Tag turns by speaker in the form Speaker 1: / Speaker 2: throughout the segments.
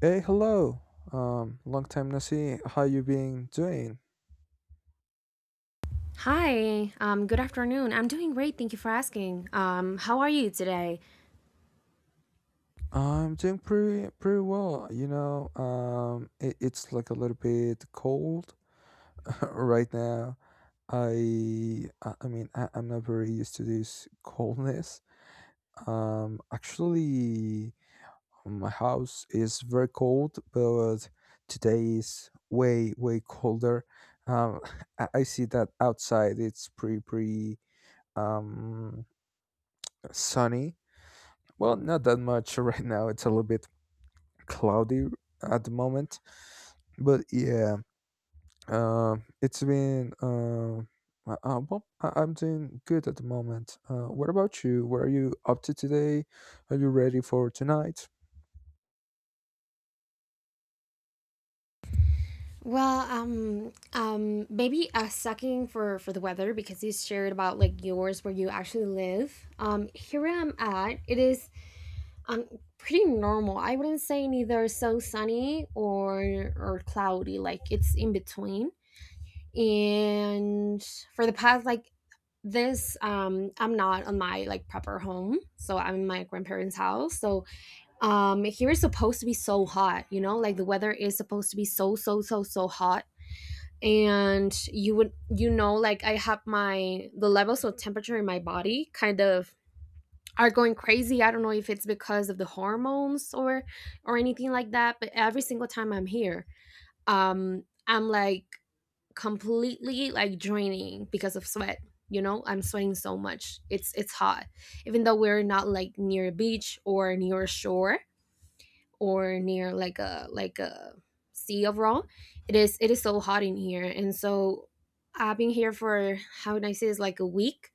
Speaker 1: Hey, hello. Long time no see. How you been doing?
Speaker 2: Hi, good afternoon. I'm doing great. Thank you for asking. How are you today?
Speaker 1: I'm doing pretty well. You know, it's like a little bit cold right now. I mean I'm not very used to this coldness. Actually, my house is very cold, but today is way colder. Um, I see that outside it's pretty um sunny. Well, not that much right now. It's a little bit cloudy at the moment, but yeah, it's been well, I- I'm doing good at the moment. What about you? What are you up to today? Are you ready for tonight?
Speaker 2: Maybe sucking for the weather because you shared about like yours where you actually live. Here I'm at. It is um pretty normal. I wouldn't say neither so sunny or cloudy. Like it's in between. And for the past like this, I'm not on my like proper home, so I'm in my grandparents' house. So here is supposed to be so hot, you know, like the weather is supposed to be so hot. And you would, you know, like I have my the levels of temperature in my body kind of are going crazy. I don't know if it's because of the hormones or anything like that, but every single time I'm here, I'm like completely like draining because of sweat. You know, I'm sweating so much. It's hot, even though we're not like near a beach or near a shore or near like a sea of raw. It is so hot in here. And so I've been here for, how would I say, it's like a week,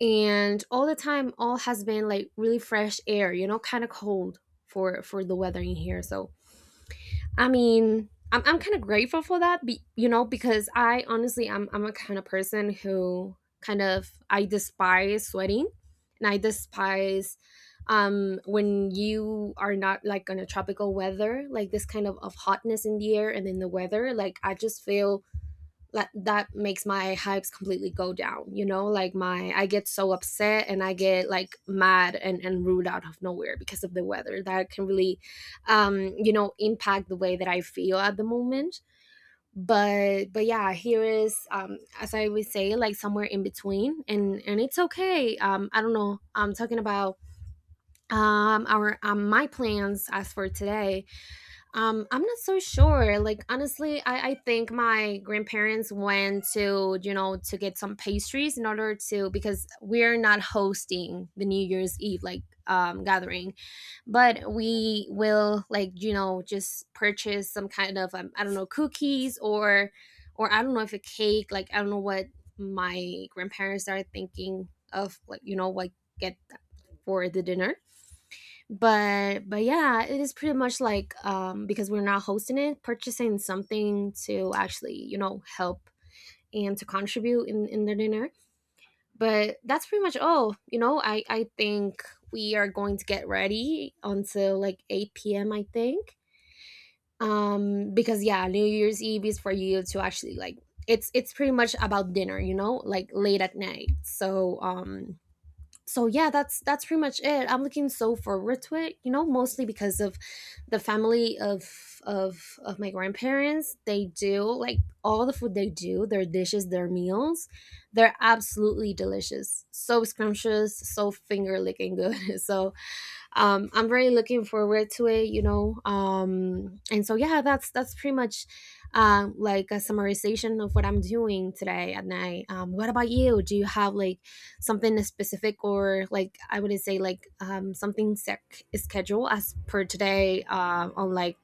Speaker 2: and all the time all has been like really fresh air, you know, kind of cold for the weather in here. So I mean, I'm kind of grateful for that, be, you know, because I honestly I'm a kind of person who kind of I despise sweating, and I despise when you are not like on a tropical weather, like this kind of hotness in the air and in the weather. Like I just feel like that makes my hypes completely go down. You know, like my, I get so upset and I get like mad and rude out of nowhere because of the weather that can really you know impact the way that I feel at the moment. But yeah, here is, as I would say, like somewhere in between, and it's okay. I don't know. I'm talking about our my plans as for today. I'm not so sure. Like honestly, I think my grandparents went to, you know, to get some pastries in order to, because we're not hosting the New Year's Eve like gathering. But we will, like, you know, just purchase some kind of I don't know, cookies or I don't know if a cake, like I don't know what my grandparents are thinking of, like, you know, what get for the dinner. But yeah, it is pretty much like because we're not hosting it, purchasing something to actually, you know, help and to contribute in the dinner. But that's pretty much all. You know, I think we are going to get ready until like 8 p.m, I think, because yeah, new year's eve is for you to actually like, it's pretty much about dinner, you know, like late at night. So so yeah, that's pretty much it. I'm looking so forward to it, you know, mostly because of the family of my grandparents. They do like all the food. They do their dishes, their meals. They're absolutely delicious, so scrumptious, so finger licking good. So I'm really looking forward to it, you know. And so yeah, that's pretty much like a summarization of what I'm doing today at night. What about you? Do you have like something specific, or like, I wouldn't say like, something sec- scheduled as per today, on like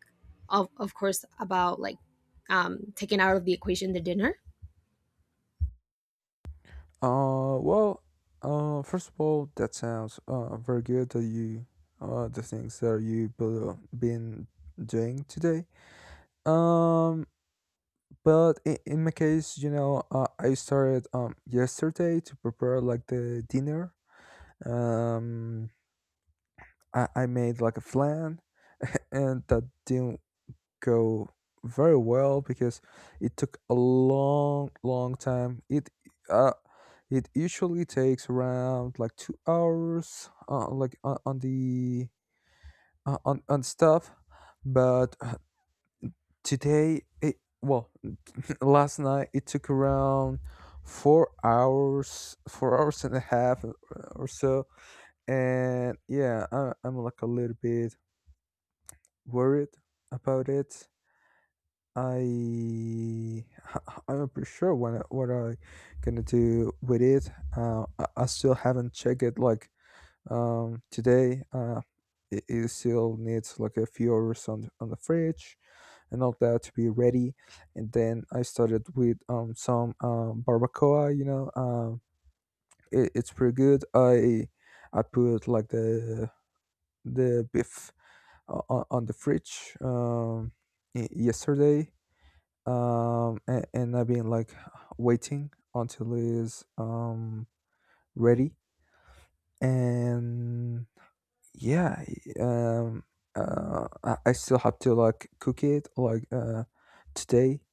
Speaker 2: of course about like taking out of the equation the dinner.
Speaker 1: Uh, well, First of all, that sounds very good that you, the things that you've been doing today. Um, But in my case, you know, I started yesterday to prepare like the dinner. Um, I made like a flan, and that didn't go very well because it took a long time. It uh it usually takes around like 2 hours, like on the on stuff, but today it well last night it took around four hours, and a half or so. And yeah, I'm like a little bit worried about it. I I'm not pretty sure what I gonna do with it. I still haven't checked it like today. It it still needs like a few hours on the fridge and all that to be ready. And then I started with some barbacoa. You know, it's pretty good. I put like the beef on the fridge yesterday, and I've been like waiting until it's ready. And yeah, I still have to like cook it today,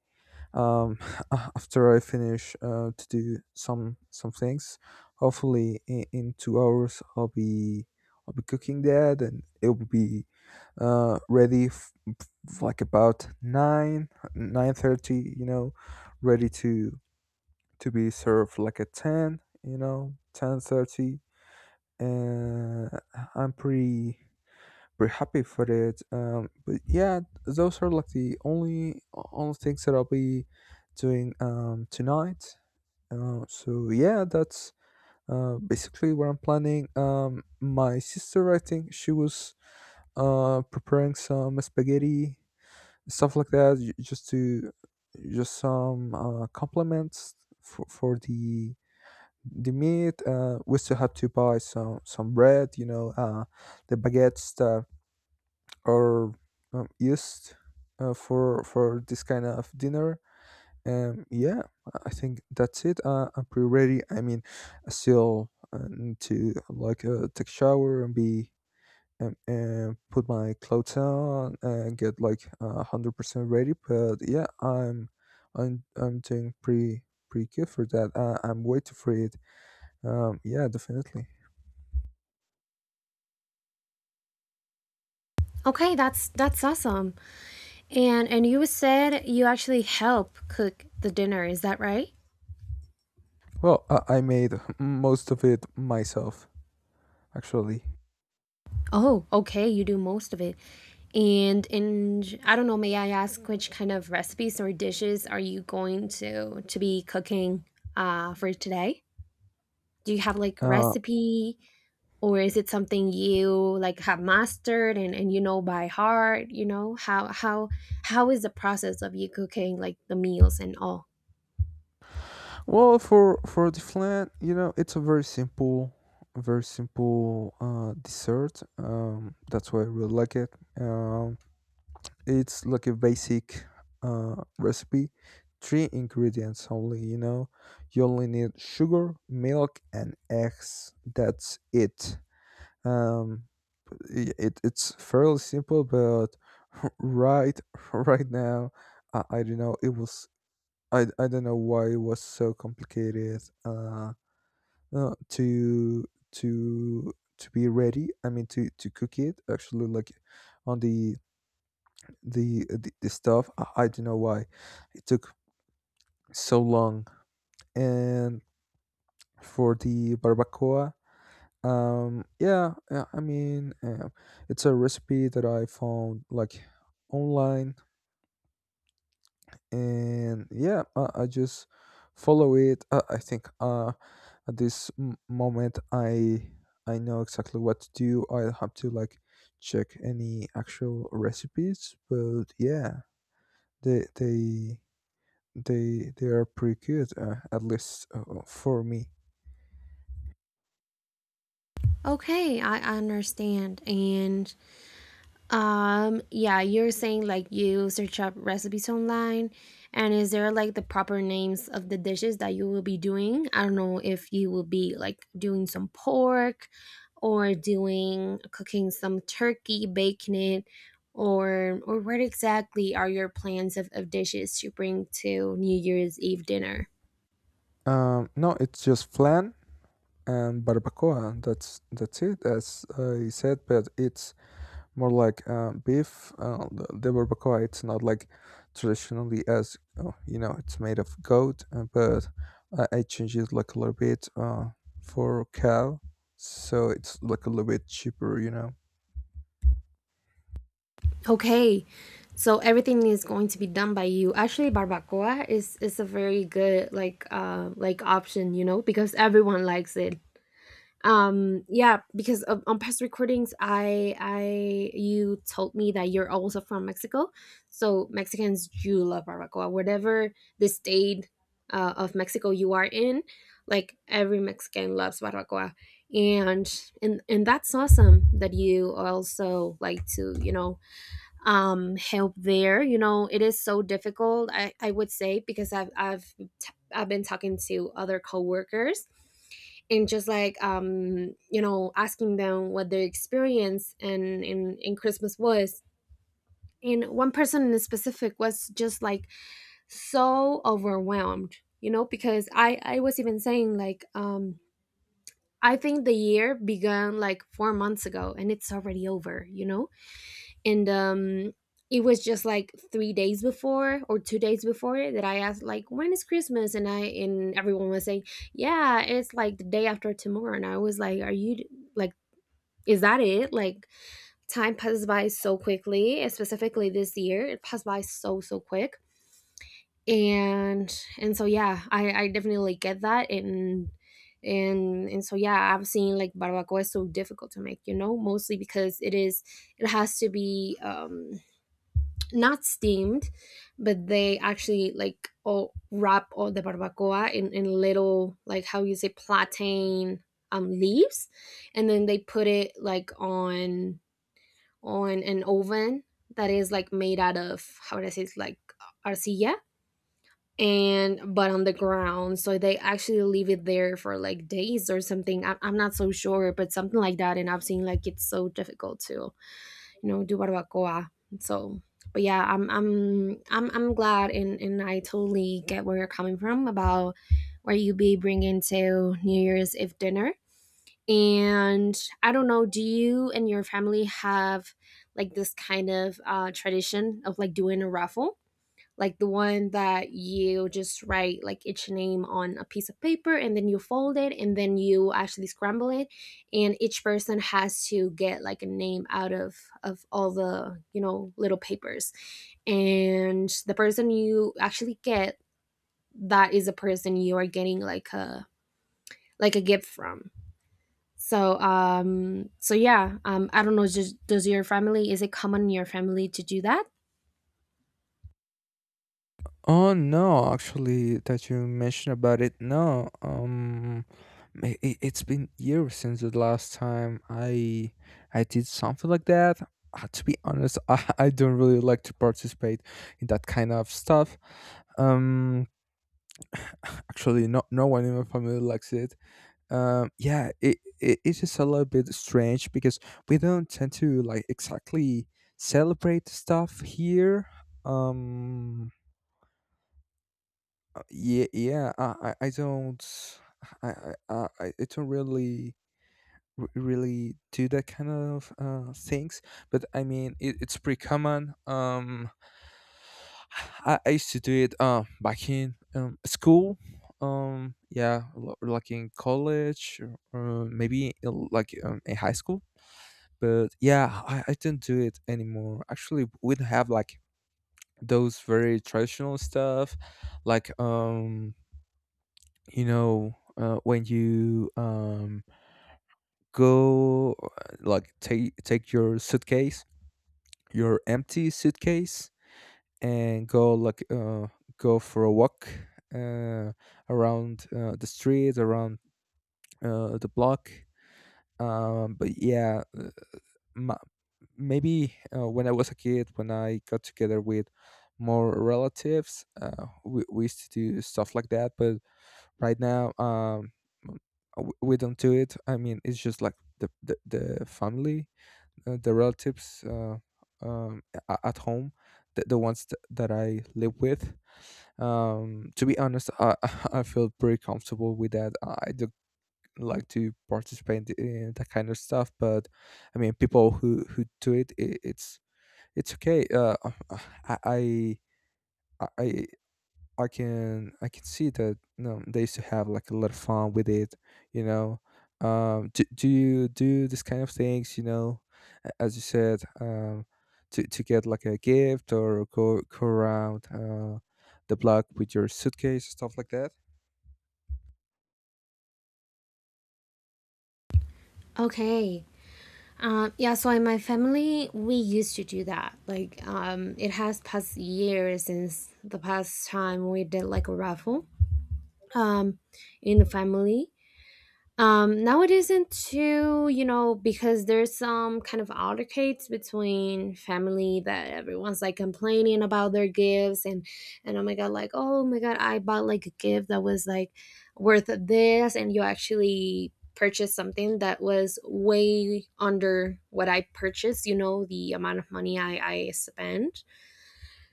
Speaker 1: um, after I finish to do some things. Hopefully, in 2 hours, I'll be cooking that, and it will be uh, ready f- like about nine thirty. You know, ready to be served like at ten. You know, 10:30, and I'm pretty happy for it. But yeah, those are like the only things that I'll be doing tonight. So yeah, that's Basically what I'm planning. My sister, I think she was preparing some spaghetti, stuff like that, just some compliments for the meat. We still have to buy some bread, you know, the baguettes that or used for this kind of dinner. Yeah, I think that's it. I'm pretty ready. I mean, I still need to like take shower and be and put my clothes on and get like 100% ready. But yeah, I'm doing pretty good for that. I'm waiting for it. Yeah, definitely.
Speaker 2: Okay, that's awesome. And you said you actually help cook the dinner, is that right?
Speaker 1: Well, I made most of it myself actually.
Speaker 2: Oh, okay. You do most of it. And in, I don't know, may I ask which kind of recipes or dishes are you going to be cooking for today? Do you have like
Speaker 1: Uh,
Speaker 2: recipe, or is it something you like have mastered, and you know by heart, you know? How is the process of you cooking like the meals and all?
Speaker 1: Well, for the flan, you know, it's a very simple dessert. That's why I really like it. Um, it's like a basic recipe, three ingredients only. You know, you only need sugar, milk, and eggs. That's it. Um, it it's fairly simple, but right right now, I don't know. It was I don't know why it was so complicated. Uh, to to be ready, I mean to cook it actually like on the stuff. I don't know why it took so long. And for the barbacoa, yeah, I mean, it's a recipe that I found like online, and yeah, I just follow it. I think at this moment I know exactly what to do. I'll have to like check any actual recipes, but yeah, they they they are pretty good, at least for me.
Speaker 2: Okay, I understand. And yeah, you're saying like you search up recipes online, and is there like the proper names of the dishes that you will be doing? I don't know if you will be like doing some pork, or doing cooking some turkey, baking it, or what exactly are your plans of dishes to bring to New Year's Eve dinner?
Speaker 1: Um, no, it's just flan and barbacoa, that's it, as I said, but it's more like beef. The barbacoa, it's not like traditionally as you know, it's made of goat, but I change it like a little bit for cow, so it's like a little bit cheaper, you know.
Speaker 2: Okay, so everything is going to be done by you. Actually, barbacoa is a very good like option, you know, because everyone likes it. Yeah, because of, on past recordings, I you told me that you're also from Mexico. So Mexicans do love barbacoa, whatever the state of Mexico you are in. Like every Mexican loves barbacoa. And that's awesome that you also like to, you know, help there. You know, it is so difficult, I would say, because I've been talking to other coworkers and just like, you know, asking them what their experience and in christmas was. And one person in specific was just like so overwhelmed, you know, because I was even saying like, I think the year began like 4 months ago and it's already over, you know. And it was just like 3 days before or 2 days before it that I asked like when is christmas. And everyone was saying, yeah, it's like the day after tomorrow, and I was like, are you, like, is that it, like, time passes by so quickly, and specifically this year it passed by so quick. And so yeah, I definitely get that. And so yeah, I've seen like barbacoa is so difficult to make, you know, mostly because it is, it has to be, not steamed, but they actually like all wrap all the barbacoa in little, like, how you say, plantain leaves, and then they put it like on an oven that is like made out of, how does it's like, arcilla, and but on the ground. So they actually leave it there for like days or something. I'm not so sure, but something like that. And I've seen like it's so difficult to, you know, do barbacoa. So but yeah, I'm glad, and I totally get where you're coming from about where you be bringing to new year's eve dinner. And I don't know, do you and your family have like this kind of tradition of like doing a raffle, like the one that you just write like each name on a piece of paper, and then you fold it, and then you actually scramble it, and each person has to get like a name out of all the, you know, little papers, and the person you actually get, that is a person you are getting like a gift from. So so yeah, I don't know. Just does your family, is it common in your family to do that?
Speaker 1: Oh no, actually, that you mentioned about it. No, it's been years since the last time I did something like that. To be honest, I don't really like to participate in that kind of stuff. Um, actually, no one in my family likes it. Yeah, it it's just a little bit strange because we don't tend to like exactly celebrate stuff here. Um, uh, yeah, yeah. I don't. I don't really, really do that kind of things. But I mean, it's pretty common. I used to do it back in school. Yeah, like in college, or, maybe in high school. But yeah, I don't do it anymore. Actually, we don't have like those very traditional stuff, like um, you know, when you go like take your suitcase, your empty suitcase, and go like go for a walk, uh, around the street, around the block. But yeah, ma maybe when I was a kid, when I got together with more relatives, we used to do stuff like that, but right now, we don't do it. I mean, it's just like the family, the relatives, um, at home, the ones that I live with. To be honest, I I feel pretty comfortable with that. I do like to participate in that kind of stuff, but I mean, people who do it, I it's okay. I i I I can I can see that. No, they used to have like a lot of fun with it, you know. Do you do this kind of things, you know, as you said, to get like a gift or go around the block with your suitcase, stuff like that?
Speaker 2: Okay. Yeah, so in my family, we used to do that. Like, it has past years since the past time we did like a raffle, um, in the family. Now it isn't too, you know, because there's some kind of altercates between family that everyone's like complaining about their gifts, and, oh my god, like, oh my god, I bought like a gift that was like worth this, and you actually purchased something that was way under what I purchased. You know, the amount of money I spent.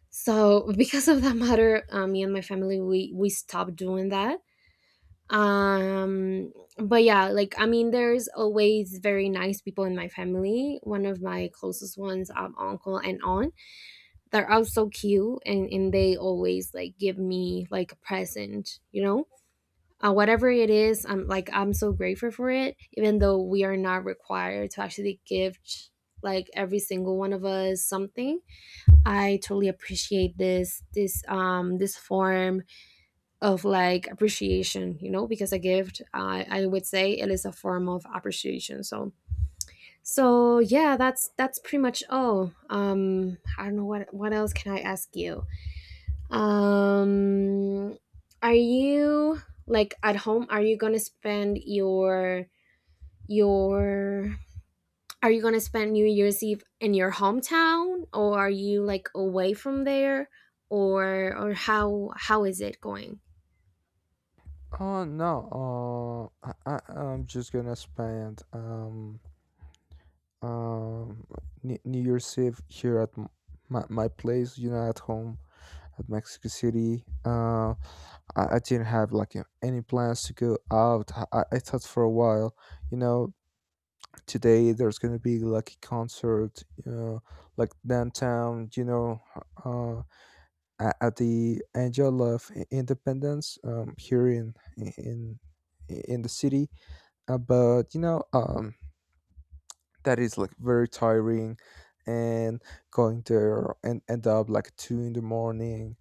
Speaker 2: So because of that matter, me and my family we stopped doing that. um but yeah, like, I mean, there's always very nice people in my family. One of my closest ones, uncle and aunt, they're all so cute, and they always like give me like a present. You know, whatever it is, I'm like, I'm so grateful for it, even though we are not required to actually give like every single one of us something. I totally appreciate this this form of like appreciation, you know, because a gift, I would say, it is a form of appreciation. So so yeah, that's pretty much all. I don't know, what else can I ask you? um are you like at home? Are you gonna spend your, are you gonna spend new year's eve in your hometown, or are you like away from there, or how is it going?
Speaker 1: Oh no, I, I'm just gonna spend um New Year's Eve here at my place, you know, at home at Mexico City. I didn't have like, you know, any plans to go out. I thought for a while, you know, today there's gonna be like a concert, you know, like downtown, you know, uh, at the Angel of Independence, here in in the city. But you know, that is like very tiring, and going there and end up like two in the morning,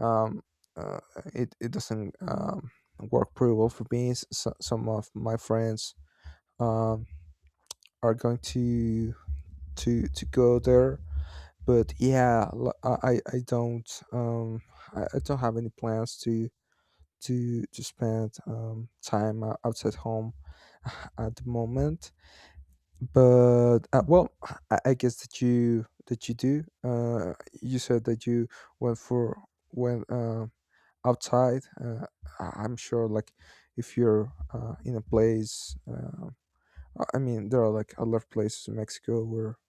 Speaker 1: um, uh, it doesn't work pretty well for me. So, some of my friends um, are going to go there, but yeah, I don't I don't have any plans to spend time outside home. At the moment. But well, I guess that you do. You said that you went for went. Outside am sure like if you're in a place I mean there are like a lot of places in mexico where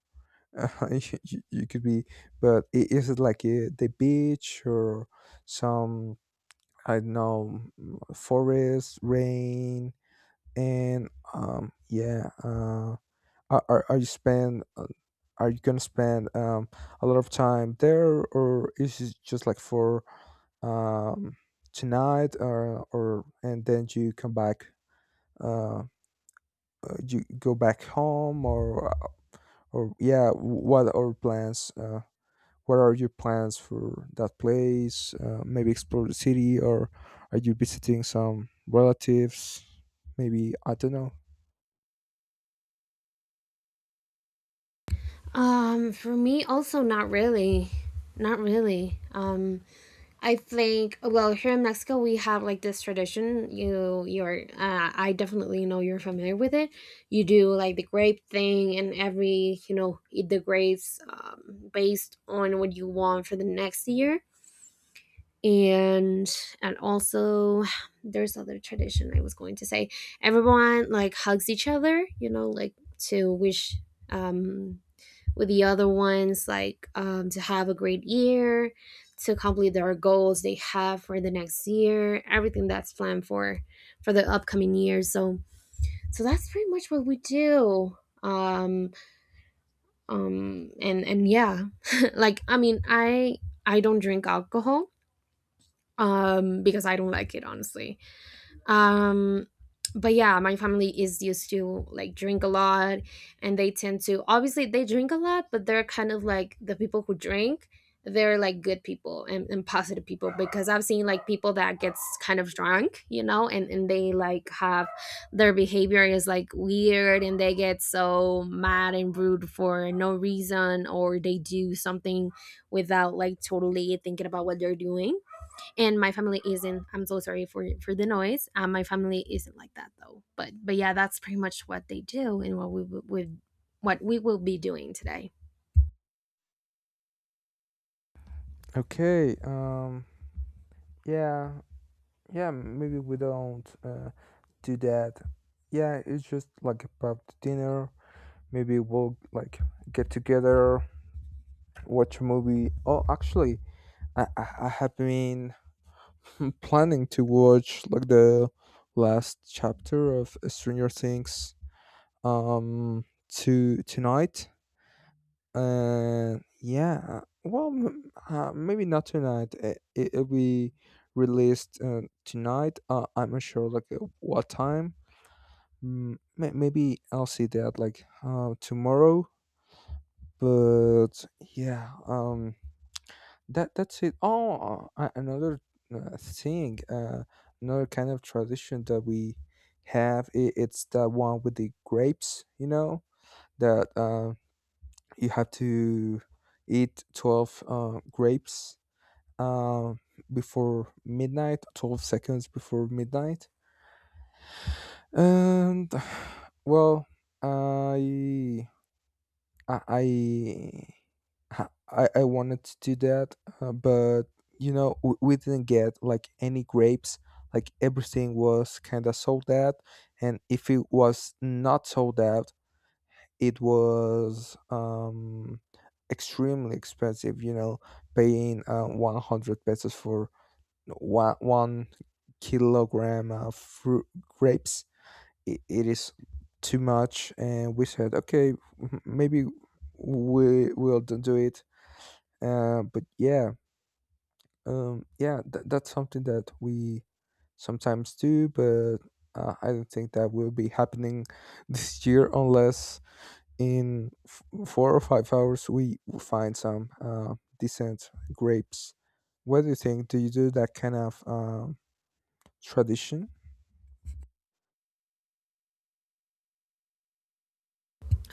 Speaker 1: you could be, but is it like the beach or some, I don't know, mm, forest rain. And um, yeah, uh, are you spend are you gonna spend a lot of time there, or is it just like for um, tonight, or and then you come back uh, you go back home? Or yeah, what are plans what are your plans for that place, maybe explore the city, or are you visiting some relatives, maybe, I don't know.
Speaker 2: For me, also not really, not really. I think, well, here in Mexico we have like this tradition. You you're I definitely know you're familiar with it. You do like the grape thing, and every eat the grapes based on what you want for the next year. And and also there's other tradition I was going to say. Everyone like hugs each other, you know, like to wish um with the other ones like to have a great year, to complete their goals they have for the next year, everything that's planned for the upcoming year. So so that's pretty much what we do. Um and yeah. Like, I mean, I don't drink alcohol, because I don't like it, honestly. um but yeah, my family is used to like drink a lot, and they tend to, obviously they drink a lot, but they're kind of like the people who drink, they're like good people and positive people, because I've seen like people that gets kind of drunk, you know, and they like have, their behavior is like weird and they get so mad and rude for no reason, or they do something without like totally thinking about what they're doing. And my family isn't, I'm so sorry for the noise, my family isn't like that, though. But yeah, that's pretty much what they do and what we would, what we will be doing today.
Speaker 1: Okay, um, yeah, yeah, maybe we don't do that. Yeah, it's just like about the dinner. Maybe we'll like get together, watch a movie. Oh, actually, I have been planning to watch like the last chapter of Stranger Things um to tonight. And yeah, well, maybe not tonight. It'll be released tonight. I'm not sure like at what time. Mm, Maybe I'll see that like tomorrow. But yeah, that's it. Oh, another thing, another kind of tradition that we have. I It's the one with the grapes. You know that you have to eat 12 grapes uh, before midnight. 12 seconds before midnight. And well, I I I I wanted to do that, but you know, we didn't get like any grapes. Like everything was kind of sold out, and if it was not sold out, it was extremely expensive. You know, paying 100 pesos for one kilogram of fruit grapes. It is too much, and we said, okay, maybe we will do it but yeah, yeah, that's something that we sometimes do, but I don't think that will be happening this year unless in 4 or 5 hours we find some decent grapes. What do you think? Do you do that kind of tradition?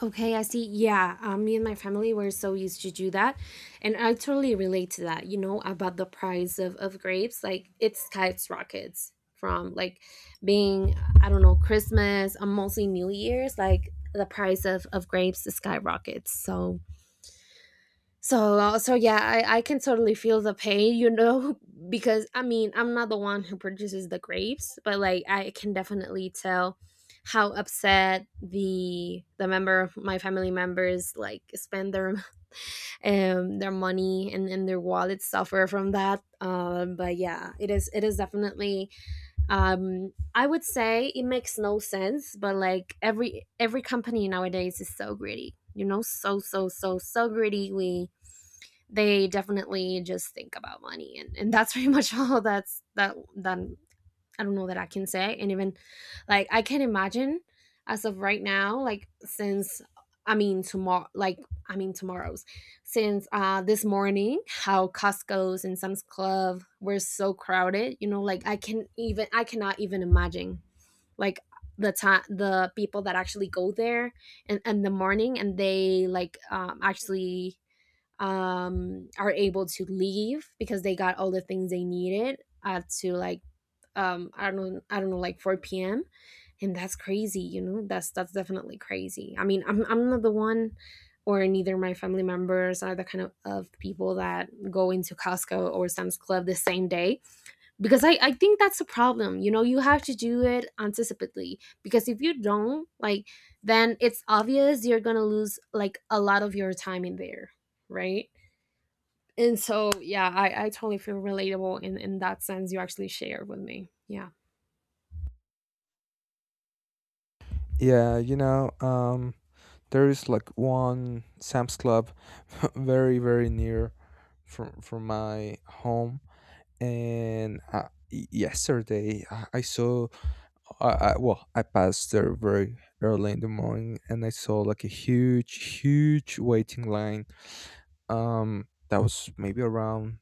Speaker 2: Okay, I see. Yeah. Me and my family were so used to do that, and I totally relate to that, you know, about the price of grapes, like it skyrockets from like being, I don't know, Christmas or mostly New Year's. Like the price of grapes skyrockets. So, yeah, I can totally feel the pain, you know, because I mean, I'm not the one who produces the grapes, but like I can definitely tell how upset the member of my family members like spend their their money and their wallets suffer from that. But yeah, it is, it is definitely I would say it makes no sense, but like every company nowadays is so greedy. You know, so greedy. We They definitely just think about money and that's pretty much all that's, that I don't know that I can say. And even like I can imagine, as of right now, like since, I mean tomorrow, like I mean tomorrow's, since this morning, how Costco's and Sam's Club were so crowded, you know. Like I can even, I cannot even imagine like the time, the people that actually go there and in, the morning, and they like actually are able to leave because they got all the things they needed at, to like, I don't know, I don't know, like 4 p.m. And that's crazy, you know. That's definitely crazy. I mean, I'm not the one, or neither my family members are the kind of people that go into Costco or Sam's Club the same day, because I think that's a problem. You know, you have to do it anticipately, because if you don't, like, then it's obvious you're going to lose like a lot of your time in there, right? And so yeah, I totally feel relatable in that sense you actually shared with me. Yeah.
Speaker 1: Yeah, you know, there is like one Sam's Club very, very near from my home and yesterday I saw, I, well, I passed there very early in the morning, and I saw like a huge, huge waiting line. That was maybe around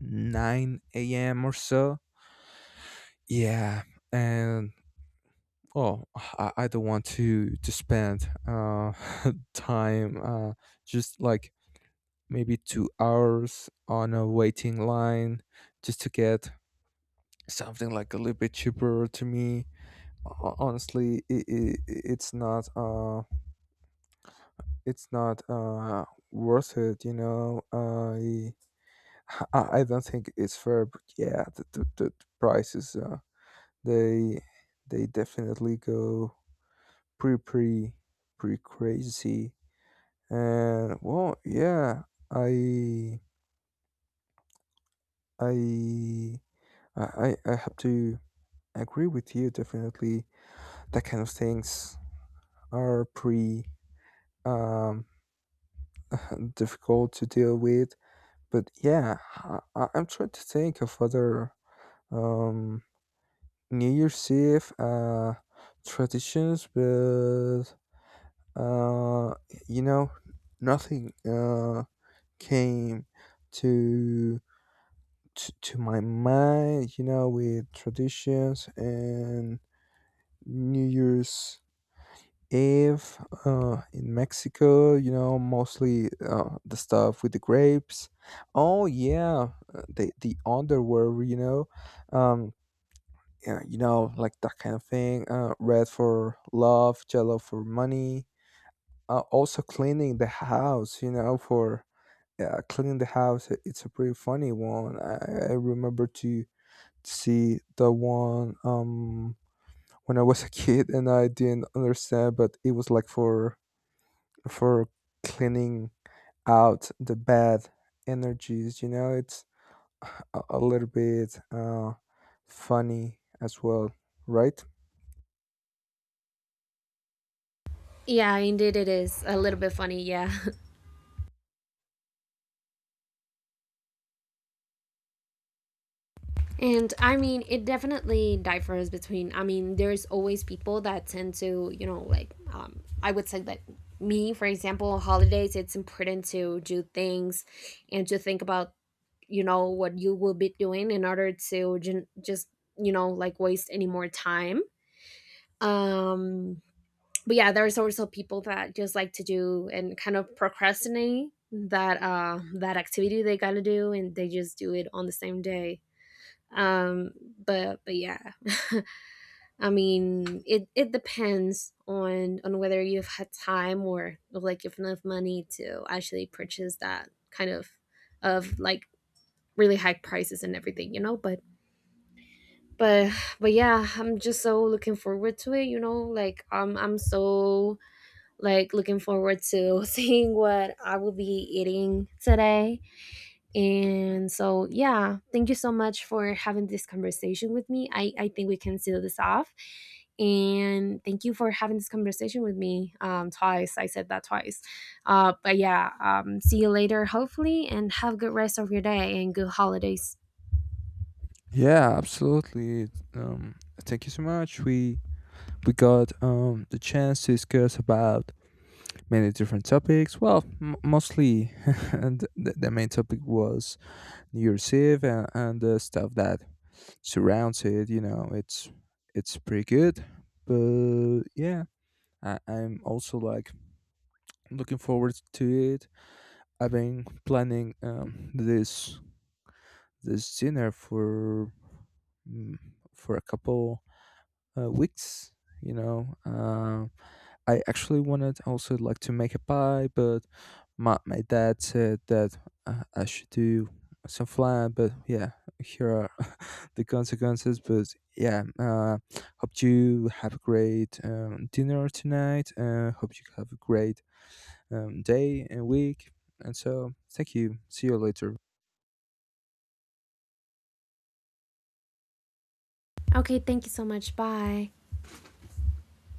Speaker 1: nine a.m. or so. Yeah, and oh, I don't want to spend time just like maybe 2 hours on a waiting line just to get something like a little bit cheaper to me. Honestly, it's not worth it. I don't think it's fair, but yeah, the prices they they definitely go pretty pretty crazy. And well, yeah, i i I have to agree with you definitely. That kind of things are pretty um difficult to deal with. But yeah, I'm trying to think of other um, New Year's Eve traditions, but uh, you know, nothing came to, to my mind. You know, with traditions and New Year's. If in Mexico, you know, mostly the stuff with the grapes. Oh yeah, the underwear, you know, um, yeah, you know, like that kind of thing. Red for love, yellow for money. Also cleaning the house, you know, for yeah, cleaning the house. It's a pretty funny one. I remember to see the one when I was a kid and I didn't understand, but it was like for cleaning out the bad energies. You know, it's a little bit funny as well, right?
Speaker 2: Yeah, indeed, it is a little bit funny. Yeah. And I mean, it definitely differs between, I mean, there's always people that tend to, you know, like I would say that me, for example, on holidays it's important to do things and to think about, you know, what you will be doing in order to ju- just, you know, like waste any more time. um but yeah, there's also people that just like to do and kind of procrastinate that that activity they gotta do, and they just do it on the same day. Um, but yeah, I mean, it depends on whether you've had time, or like if enough money to actually purchase that kind of like really high prices and everything, you know. But but yeah, I'm just so looking forward to it, you know. Like I'm so like looking forward to seeing what I will be eating today. And so, yeah, thank you so much for having this conversation with me. I think we can seal this off. And thank you for having this conversation with me twice. I said that twice. But yeah, see you later, hopefully, and have a good rest of your day and good holidays.
Speaker 1: Yeah, absolutely. Um, thank you so much. We got the chance to discuss about many different topics. Well, mostly, and the main topic was New Year's Eve and the stuff that surrounds it. You know, it's pretty good. But yeah, I'm also like looking forward to it. I've been planning this this dinner for mm, for a couple weeks. You know, I actually wanted also like to make a pie, but my dad said that I should do some flan. But yeah, here are the consequences. But yeah, hope you have a great dinner tonight. Hope you have a great day and week. And so, thank you. See you later.
Speaker 2: Okay, thank you so much. Bye.